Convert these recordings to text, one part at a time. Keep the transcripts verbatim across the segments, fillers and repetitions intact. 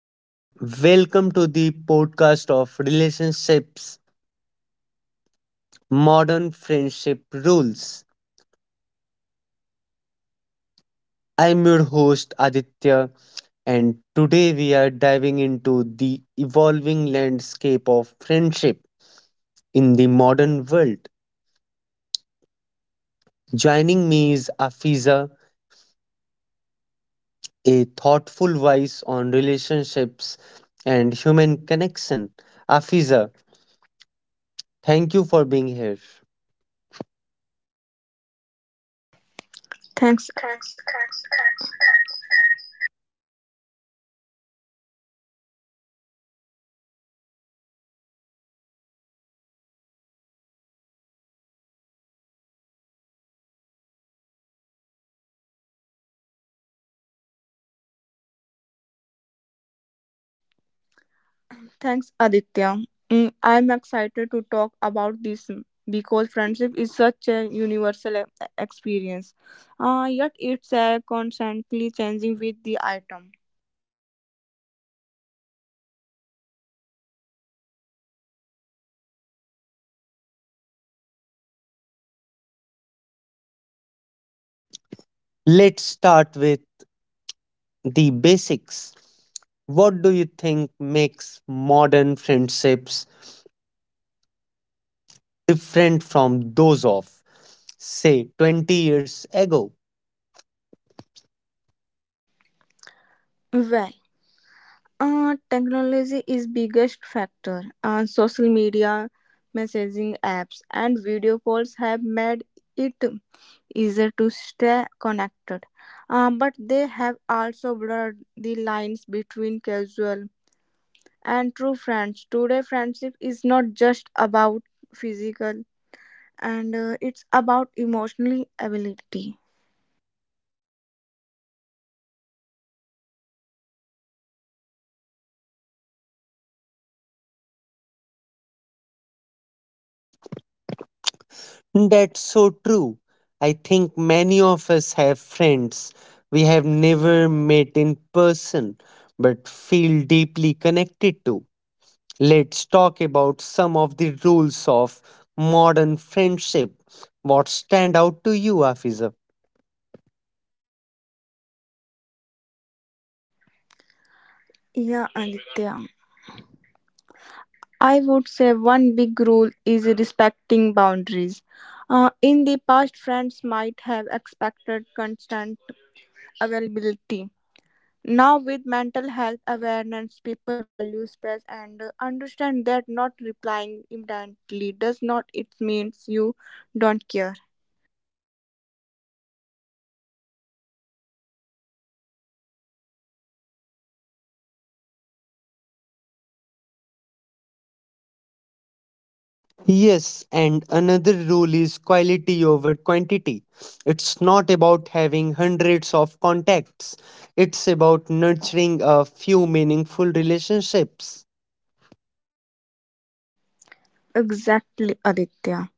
and welcome to the podcast of Relationships Modern Friendship Rules. I'm your host Aditya, and today we are diving into the evolving landscape of friendship in the modern world. Joining me is Afiza, a thoughtful voice on relationships and human connection. Afiza, thank you for being here. Thanks, thanks, thanks, Aditya. Mm, I'm excited to talk about this mm, because friendship is such a universal e- experience, uh, yet it's uh, constantly changing with the item. Let's start with the basics. What do you think makes modern friendships different from those of, say, twenty years ago? Well, uh, technology is biggest factor. Uh, social media, messaging apps, and video calls have made it easier to stay connected. Uh, but they have also blurred the lines between casual and true friends. Today, friendship is not just about physical, and uh, it's about emotional ability. That's so true. I think many of us have friends we have never met in person but feel deeply connected to. Let's talk about some of the rules of modern friendship. What stand out to you, Afiza? Yeah, Aditya. I would say one big rule is respecting boundaries. Uh, in the past, friends might have expected constant availability. Now, with mental health awareness, people value space and uh, understand that not replying immediately does not it means you don't care. Yes, and another rule is quality over quantity. It's not about having hundreds of contacts, it's about nurturing a few meaningful relationships. Exactly, Aditya.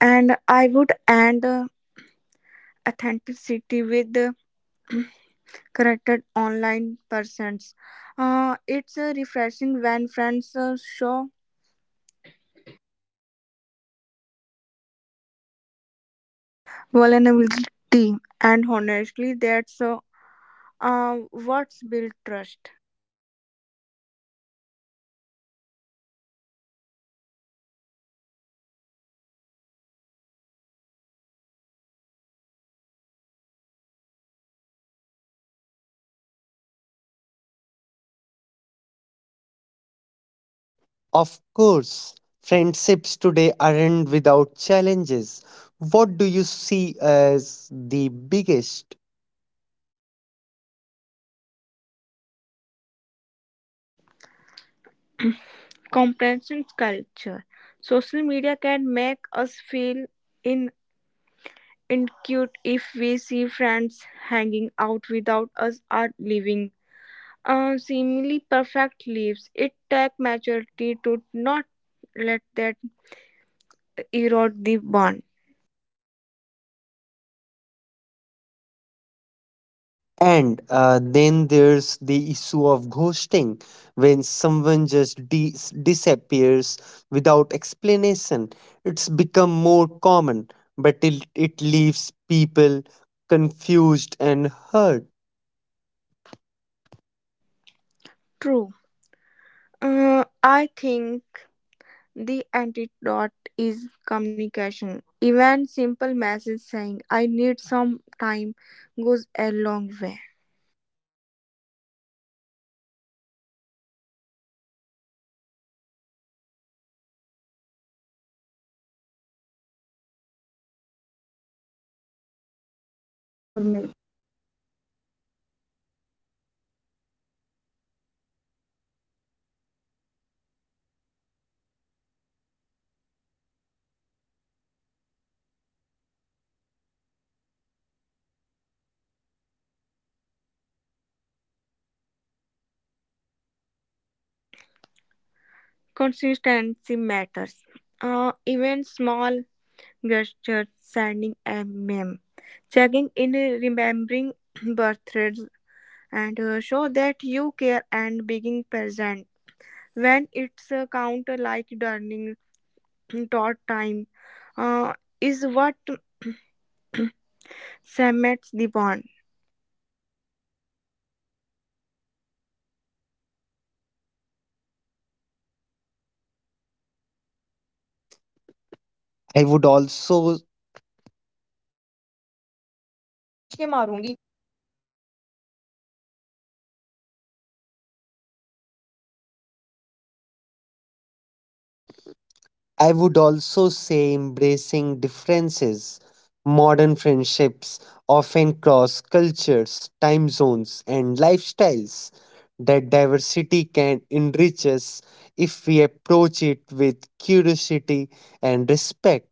And I would add uh, authenticity with the corrected online persons. Uh, it's uh, refreshing when friends uh, show vulnerability, and honestly, that's uh, uh, what's built trust. Of course, friendships today aren't without challenges. What do you see as the biggest? Comprehension culture. Social media can make us feel in incute if we see friends hanging out without us are leaving Uh, seemingly perfect leaves. It takes maturity to not let that erode the bond. And uh, Then there's the issue of ghosting, when someone just dis disappears without explanation. It's become more common, but it, it leaves people confused and hurt. True. Uh, I think the antidote is communication. Even simple message saying "I need some time" goes a long way. So, how do we build strong friendships in this modern context? How do we build strong friendships in this modern context, Afiza? Consistency matters. Uh, even small gestures, sending a meme, checking in, remembering birthdays, and uh, show that you care and being present when it's a counter like during thought time uh, is what cements the bond. I would also I would also say embracing differences. Modern friendships often cross cultures, time zones, and lifestyles. That diversity can enrich us if we approach it with curiosity and respect.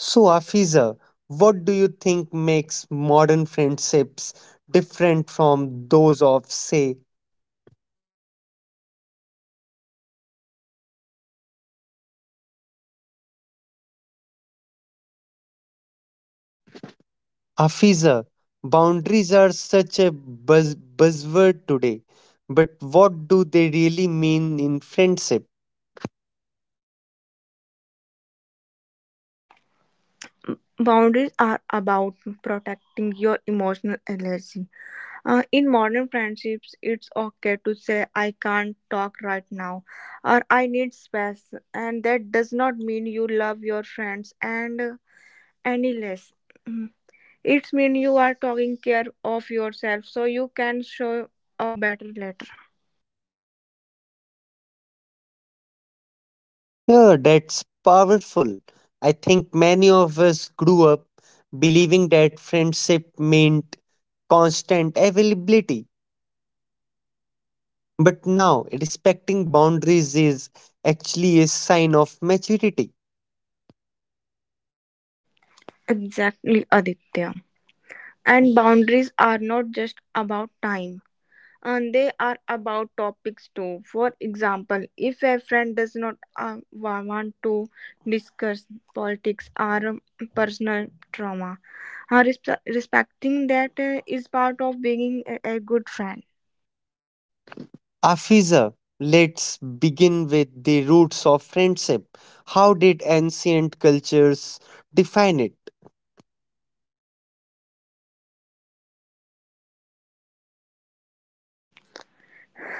So, Afiza, what do you think makes modern friendships different from those of, say, Afiza, boundaries are such a buzz- buzzword today, but what do they really mean in friendship? Boundaries are about protecting your emotional energy. Uh, in modern friendships, it's okay to say I can't talk right now or I need space, and that does not mean you love your friends and uh, any less. Mm. It's mean you are taking care of yourself so you can show up better later. Yeah, that's powerful. I think many of us grew up believing that friendship meant constant availability, but now respecting boundaries is actually a sign of maturity. Exactly, Aditya. And boundaries are not just about time, and they are about topics too. For example, if a friend does not uh, wa- want to discuss politics or um, personal trauma, uh, respe- respecting that uh, is part of being a, a good friend. Afiza, let's begin with the roots of friendship. How did ancient cultures define it?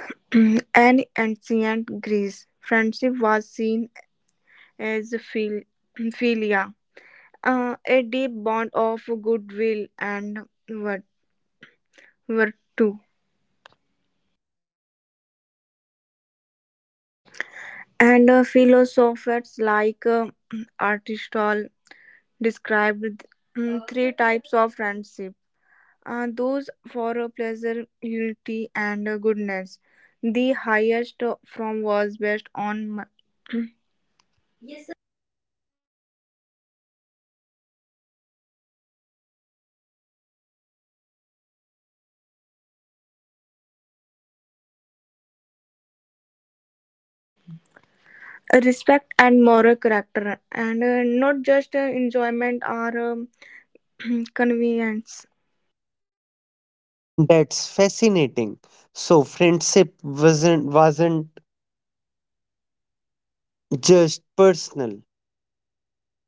And ancient Greece, friendship was seen as phil- philia, uh, a deep bond of goodwill and vir- virtue. And uh, philosophers like uh, Aristotle described mm, three types of friendship, uh, those for uh, pleasure, unity, and uh, goodness. The highest uh, form was based on m- respect and moral character, and uh, not just uh, enjoyment or um, convenience. That's fascinating. So friendship wasn't wasn't just personal.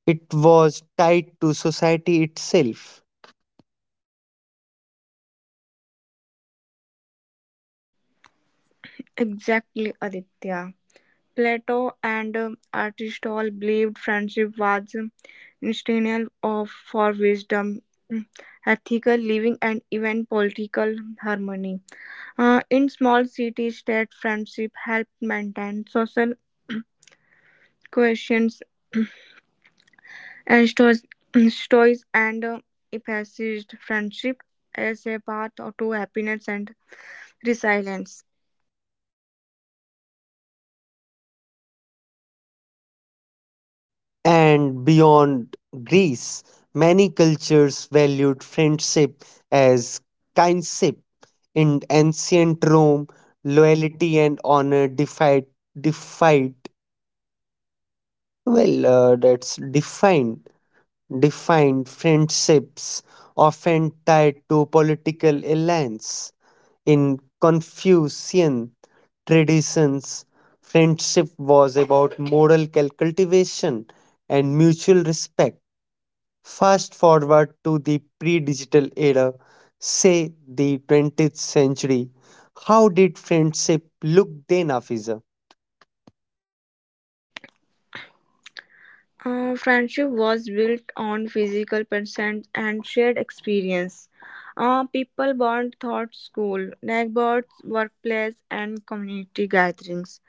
It was tied to society itself. Exactly, Aditya. Plato and um, Aristotle believed friendship was um, instrumental of for wisdom, mm, ethical living, and even political harmony. Uh, in small cities, that friendship helped maintain social cohesions and stories, and uh, emphasized friendship as a path to happiness and resilience. And beyond Greece, many cultures valued friendship as kinship. In ancient Rome, loyalty and honor defied defied Well, uh, that's defined. Defined friendships often tied to political alliance. In Confucian traditions, friendship was about moral cultivation and mutual respect. Fast forward to the pre digital era, say the twentieth century. How did friendship look then, Afiza? Uh, friendship was built on physical presence and shared experience. Uh, people bond thought school, neighborhoods, workplace, and community gatherings.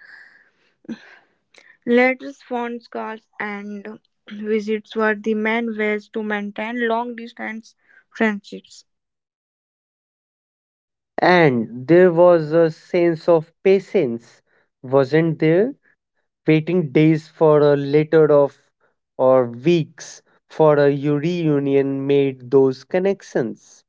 Letters, phone calls, and visits were the main ways to maintain long distance friendships. And there was a sense of patience, wasn't there? Waiting days for a letter of or weeks for a reunion made those connections.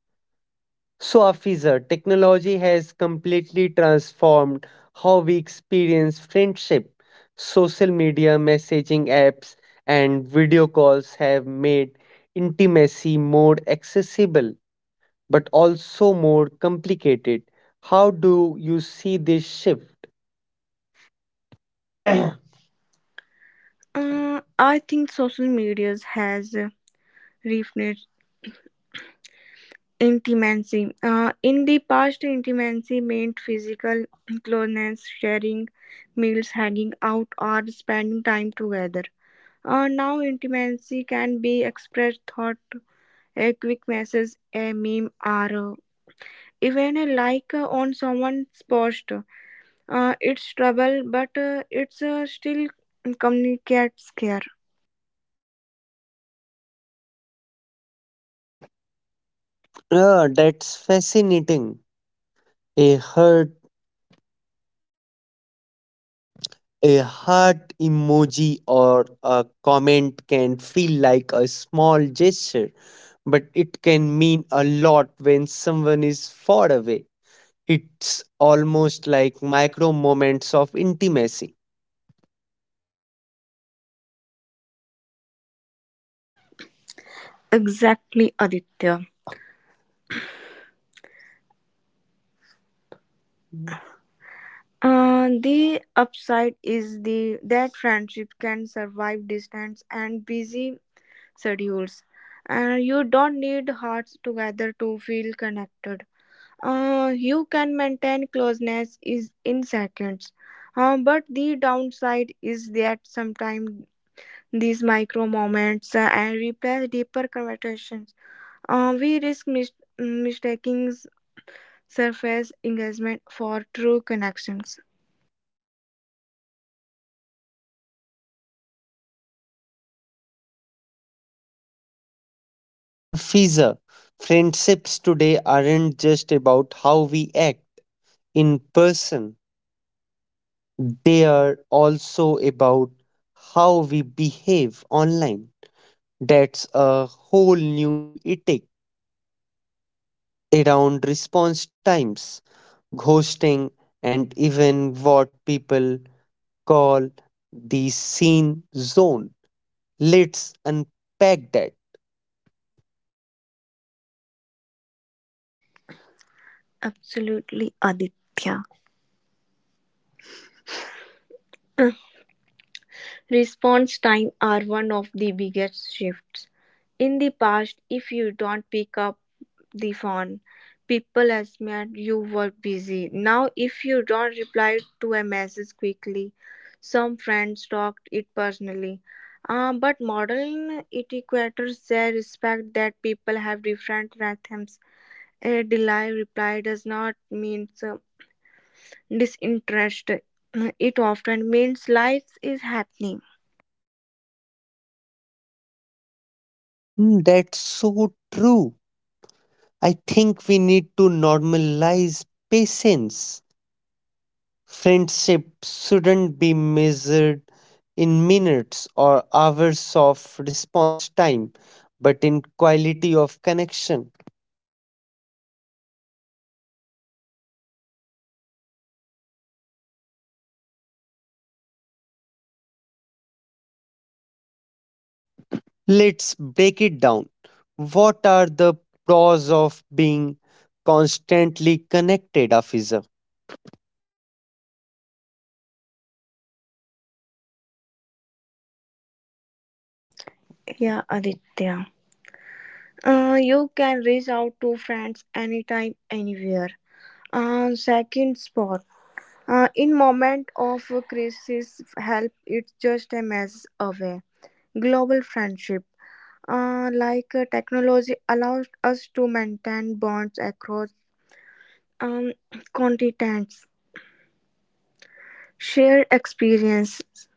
So Afiza, technology has completely transformed how we experience friendship. Social media, messaging apps, and video calls have made intimacy more accessible but also more complicated. How do you see this shift? Uh, I think social media has redefined intimacy. Uh, in the past, intimacy meant physical closeness, sharing meals, hanging out, or spending time together. Uh, now, intimacy can be expressed thought, a quick message, a meme, or uh, even a like uh, on someone's post. Uh, it's trouble, but uh, it's uh, still communicates care. Ah, that's fascinating. A heart, a heart emoji or a comment can feel like a small gesture, but it can mean a lot when someone is far away. It's almost like micro moments of intimacy. Exactly, Aditya. Uh, the upside is the that friendship can survive distance and busy schedules, and you don't need hearts together to feel connected. Uh, you can maintain closeness is in seconds, uh, but the downside is that sometimes these micro moments uh, and replace deeper conversations. Uh, we risk mis- mistaking surface engagement for true connections. Afiza, friendships today aren't just about how we act in person. They are also about how we behave online. That's a whole new ethic around response times, ghosting, and even what people call the scene zone. Let's unpack that. Absolutely, Aditya. Response time are one of the biggest shifts. In the past, if you don't pick up the phone, people assumed you were busy. Now, if you don't reply to a message quickly, some friends talked it personally. Uh, but modern etiquetters say respect that people have different rhythms. A delay reply does not mean uh, disinterest. It often means life is happening. Hmm, that's so true. I think we need to normalize patience. Friendship shouldn't be measured in minutes or hours of response time, but in quality of connection. Let's break it down. What are the pros of being constantly connected, Afiza? Yeah, Aditya. Uh, you can reach out to friends anytime, anywhere. Uh, second spot. Uh, in moment of crisis, help it's just a mess away. Global friendship. Uh, like uh, technology allows us to maintain bonds across um, continents, share experiences,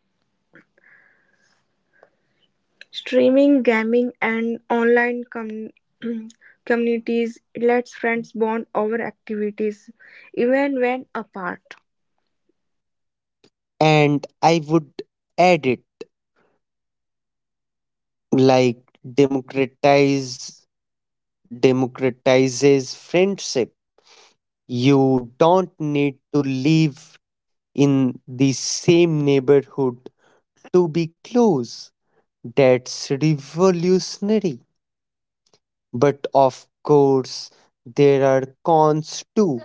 streaming, gaming, and online com- communities lets friends bond over activities, even when apart. And I would add it like democratize democratizes friendship. You don't need to live in the same neighborhood to be close. That's revolutionary. But of course, there are cons too.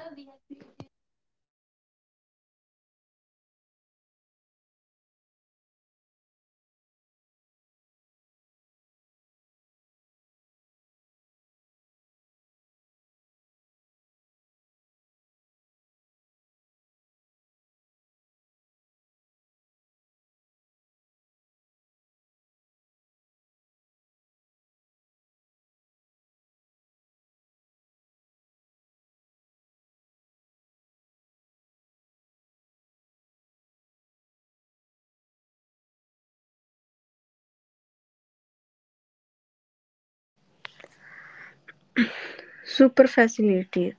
Superficiality,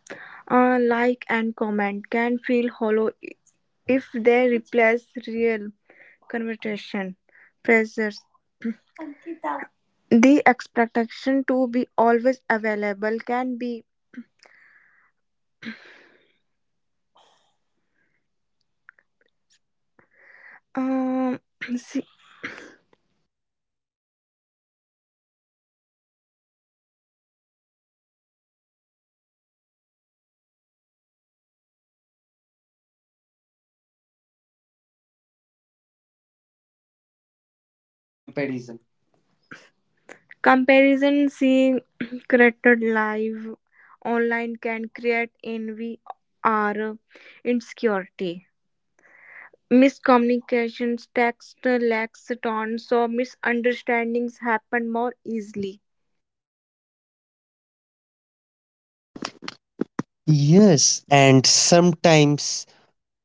uh, like and comment can feel hollow if they replace real conversation. Pressures. The expectation to be always available can be um, se- comparison seeing created live online can create envy or insecurity. Miscommunications, text lacks tone, so misunderstandings happen more easily. Yes, and sometimes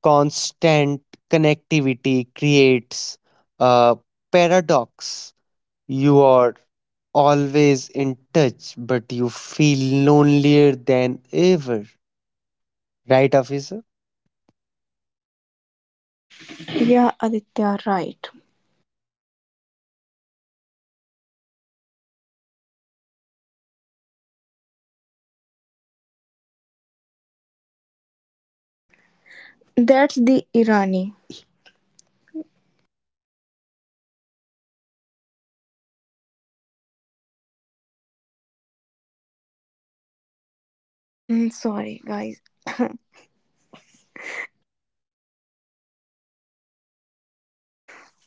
constant connectivity creates a paradox. You are always in touch, but you feel lonelier than ever. Right, Afisa? Yeah, Aditya, right. That's the irony. Mm, Sorry, guys.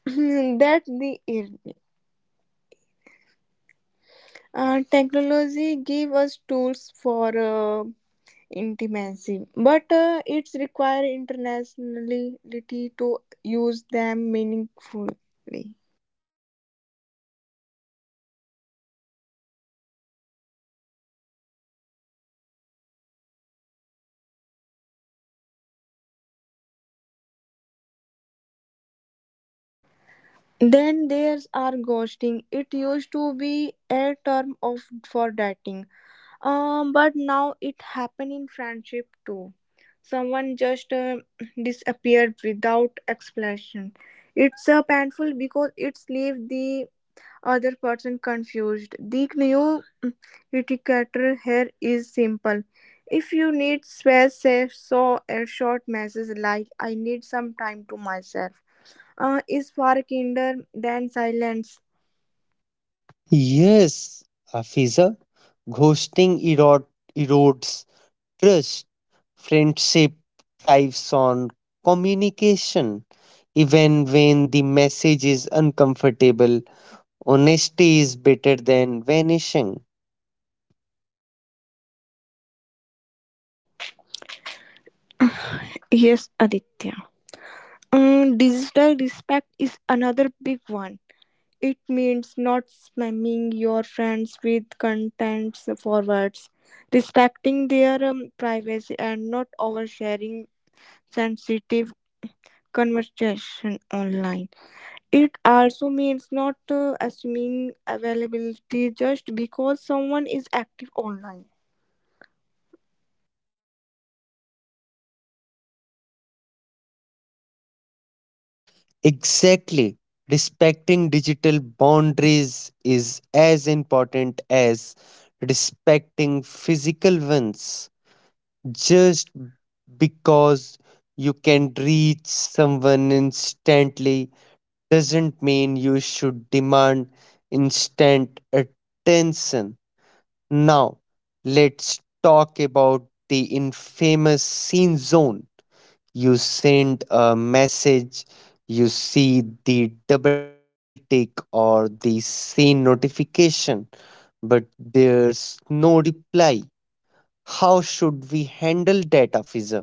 That's the irony. Uh, technology give us tools for uh, intimacy, but uh, it's require internationality to use them meaningfully. Then there's our ghosting. It used to be a term of for dating, um, but now it happen in friendship too. Someone just uh, disappeared without explanation. It's uh, painful because it's leave the other person confused. They knew. Etiquette here is simple. If you need space, say so a short message like I need some time to myself uh, is far kinder than silence. Yes, Afisa. Ghosting erode, erodes trust. Friendship thrives on communication, even when the message is uncomfortable. Honesty is better than vanishing. Yes, Aditya. Um, digital respect is another big one. It means not spamming your friends with content forwards, respecting their um, privacy, and not oversharing sensitive conversation online. It also means not uh, assuming availability just because someone is active online. Exactly. Respecting digital boundaries is as important as respecting physical ones. Just because you can reach someone instantly doesn't mean you should demand instant attention. Now, let's talk about the infamous scene zone. You send a message, you see the double tick or the scene notification, but there's no reply. How should we handle that, officer?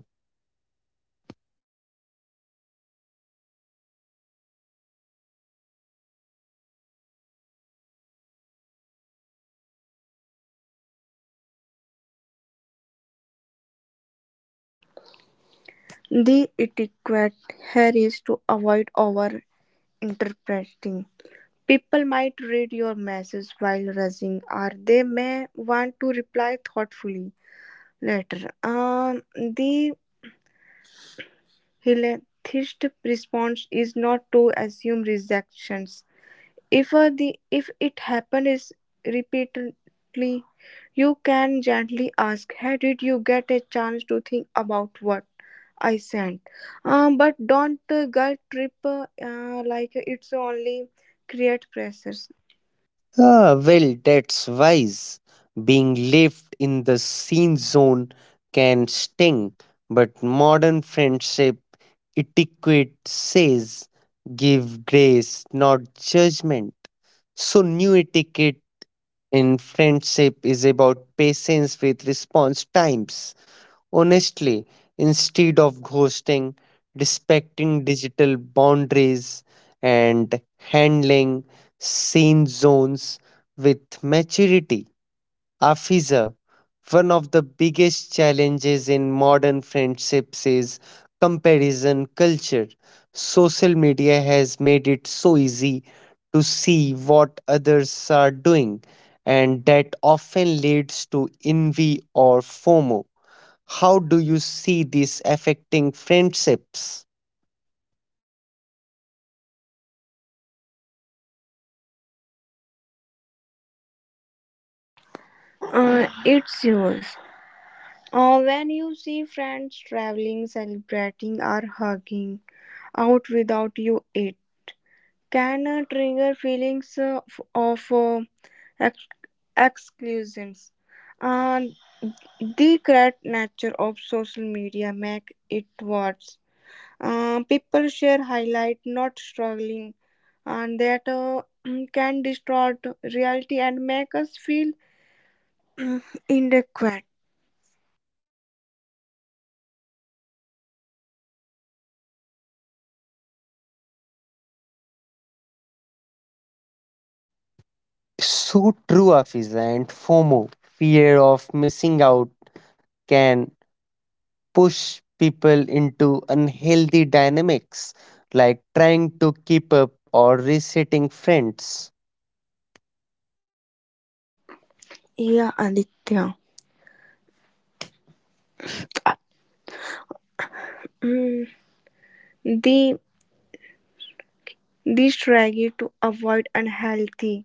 The etiquette here is to avoid over interpreting. People might read your message while rushing, or they may want to reply thoughtfully later. Um, the Helenathist response is not to assume rejections. If uh, the if it happens repeatedly, you can gently ask, "Hey, did you get a chance to think about what I sent?" Um, but don't uh, guilt trip uh, uh, like it's only create pressures. Ah, well, that's wise. Being left in the scene zone can sting, but modern friendship etiquette says give grace, not judgment. So, new etiquette in friendship is about patience with response times, honestly instead of ghosting, respecting digital boundaries, and handling scene zones with maturity. Afiza, one of the biggest challenges in modern friendships is comparison culture. Social media has made it so easy to see what others are doing, and that often leads to envy or FOMO. How do you see this affecting friendships? Uh, it's yours. Uh, when you see friends traveling, celebrating, or hugging out without you, it can uh, trigger feelings uh, f- of uh, exclusions and the great nature of social media make it worse. Uh, people share highlight not struggling and that uh, can distort reality and make us feel inadequate. So true, Afiza, and FOMO, fear of missing out, can push people into unhealthy dynamics like trying to keep up or resetting friends. Yeah, Aditya. Mm, the the strategy to avoid unhealthy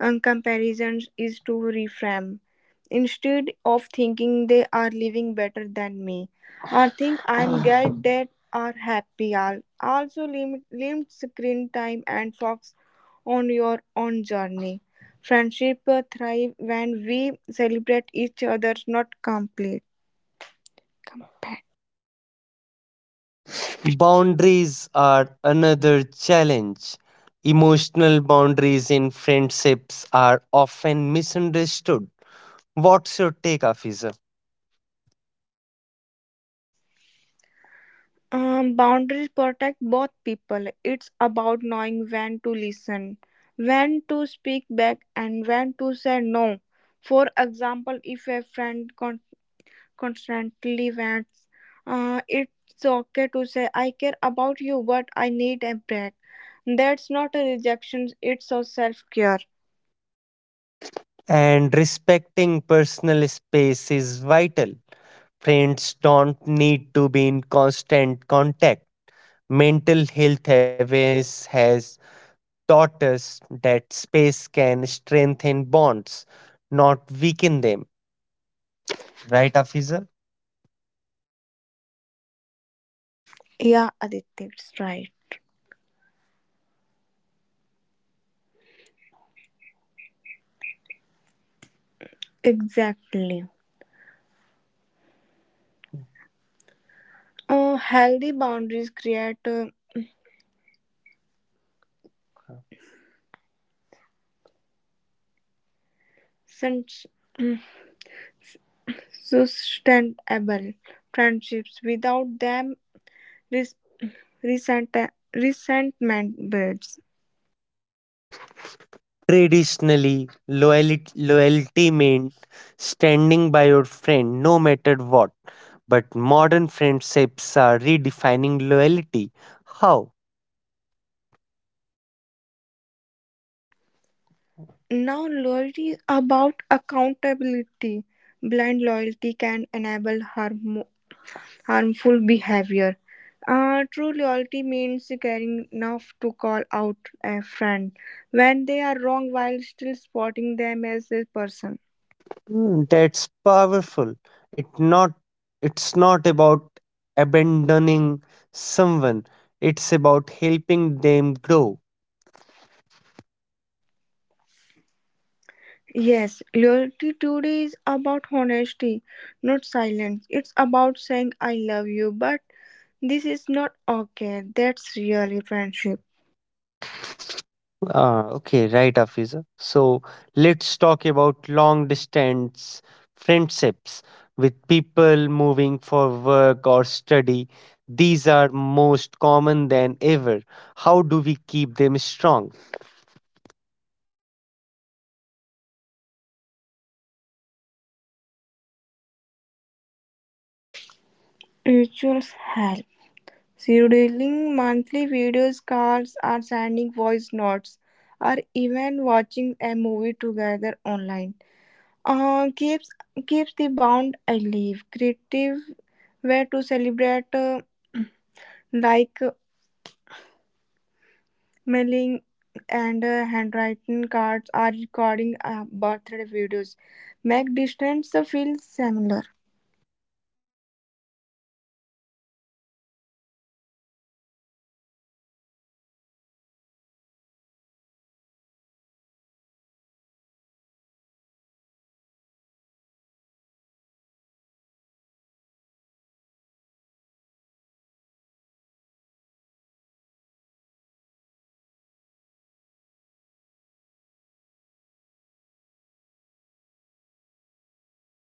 and comparisons is to reframe. Instead of thinking they are living better than me, or think I'm glad that are happy. Al- Also, limit, limit screen time and focus on your own journey. Friendship uh, thrive when we celebrate each other's not complete. Boundaries are another challenge. Emotional boundaries in friendships are often misunderstood. What's your take, Afiza? Um, boundaries protect both people. It's about knowing when to listen, when to speak back, and when to say no. For example, if a friend con- constantly vents, uh, it's okay to say, I care about you, but I need a break. That's not a rejection, it's a self care. And respecting personal space is vital. Friends don't need to be in constant contact. Mental health awareness has taught us that space can strengthen bonds, not weaken them. Right, Afiza? Yeah, Aditya, it's right. Exactly. Uh, healthy boundaries create uh, sen- sustainable friendships without them res- resent- resentment builds. Traditionally, loyalty, loyalty meant standing by your friend no matter what. But modern friendships are redefining loyalty. How? Now, loyalty is about accountability. Blind loyalty can enable harm- harmful behavior. Uh, true loyalty means caring enough to call out a friend when they are wrong while still supporting them as a person. Mm, that's powerful. It not it's not about abandoning someone. It's about helping them grow. Yes, loyalty today is about honesty, not silence. It's about saying I love you, but this is not okay. That's really friendship. Ah, okay, right, Afiza. So let's talk about long distance friendships with people moving for work or study. These are most common than ever. How do we keep them strong? Rituals help. Scheduling monthly videos, calls, or sending voice notes, or even watching a movie together online. Uh, keeps keeps the bond alive. Creative way to celebrate, uh, like mailing and uh, handwritten cards are recording uh, birthday videos make distance feel similar.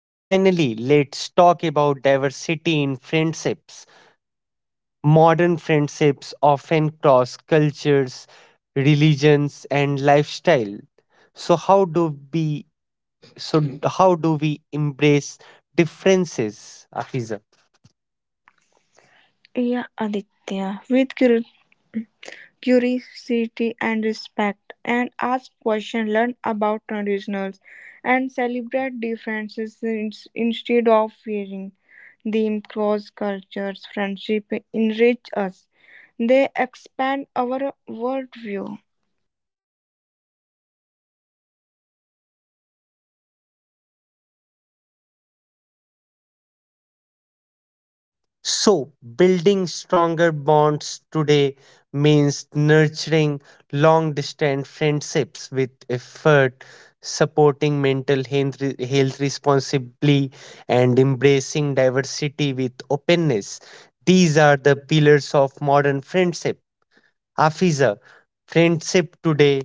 Finally, let's talk about diversity in friendships. Modern friendships often cross cultures, religions, and lifestyle. So how do we so how do we embrace differences, Afiza? Yeah, Aditya, with curi- curiosity and respect, and ask questions, learn about traditionals, and celebrate differences in- instead of fearing them. Cross cultures, friendship enrich us; they expand our worldview. So, building stronger bonds today means nurturing long distance friendships with effort, supporting mental health re- health responsibly, and embracing diversity with openness. These are the pillars of modern friendship. Afiza, friendship today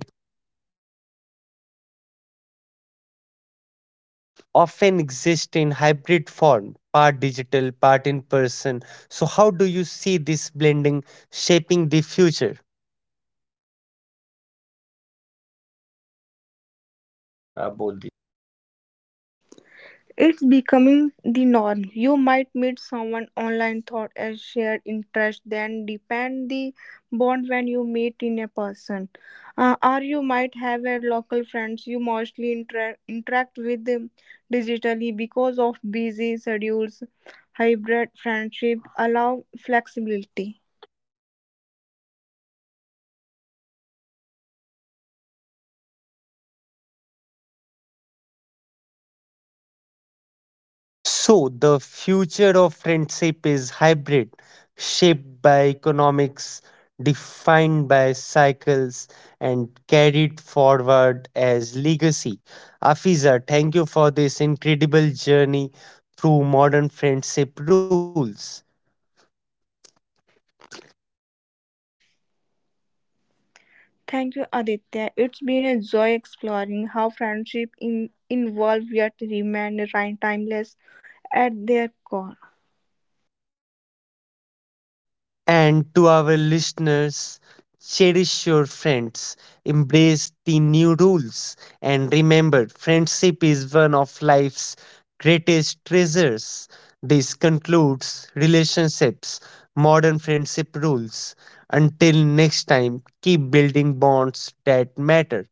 often exist in hybrid form, part digital, part in person. So, how do you see this blending shaping the future? It's becoming the norm. You might meet someone online thought as shared interest, then depend the bond when you meet in a person. Uh, or you might have a local friends you mostly inter- interact with them digitally because of busy schedules. Hybrid friendship allow flexibility. So, the future of friendship is hybrid, shaped by economics, defined by cycles, and carried forward as legacy. Afiza, thank you for this incredible journey through modern friendship rules. Thank you, Aditya. It's been a joy exploring how friendship in- involve yet remain time- timeless at their core. And to our listeners, cherish your friends, embrace the new rules, and remember friendship is one of life's greatest treasures. This concludes Relationships Modern Friendship Rules. Until next time, keep building bonds that matter.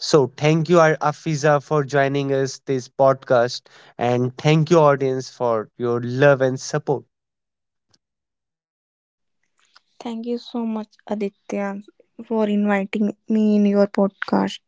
So, thank you, Ar- Afiza, for joining us this podcast, and thank you, audience, for your love and support. Thank you so much, Aditya, for inviting me in your podcast.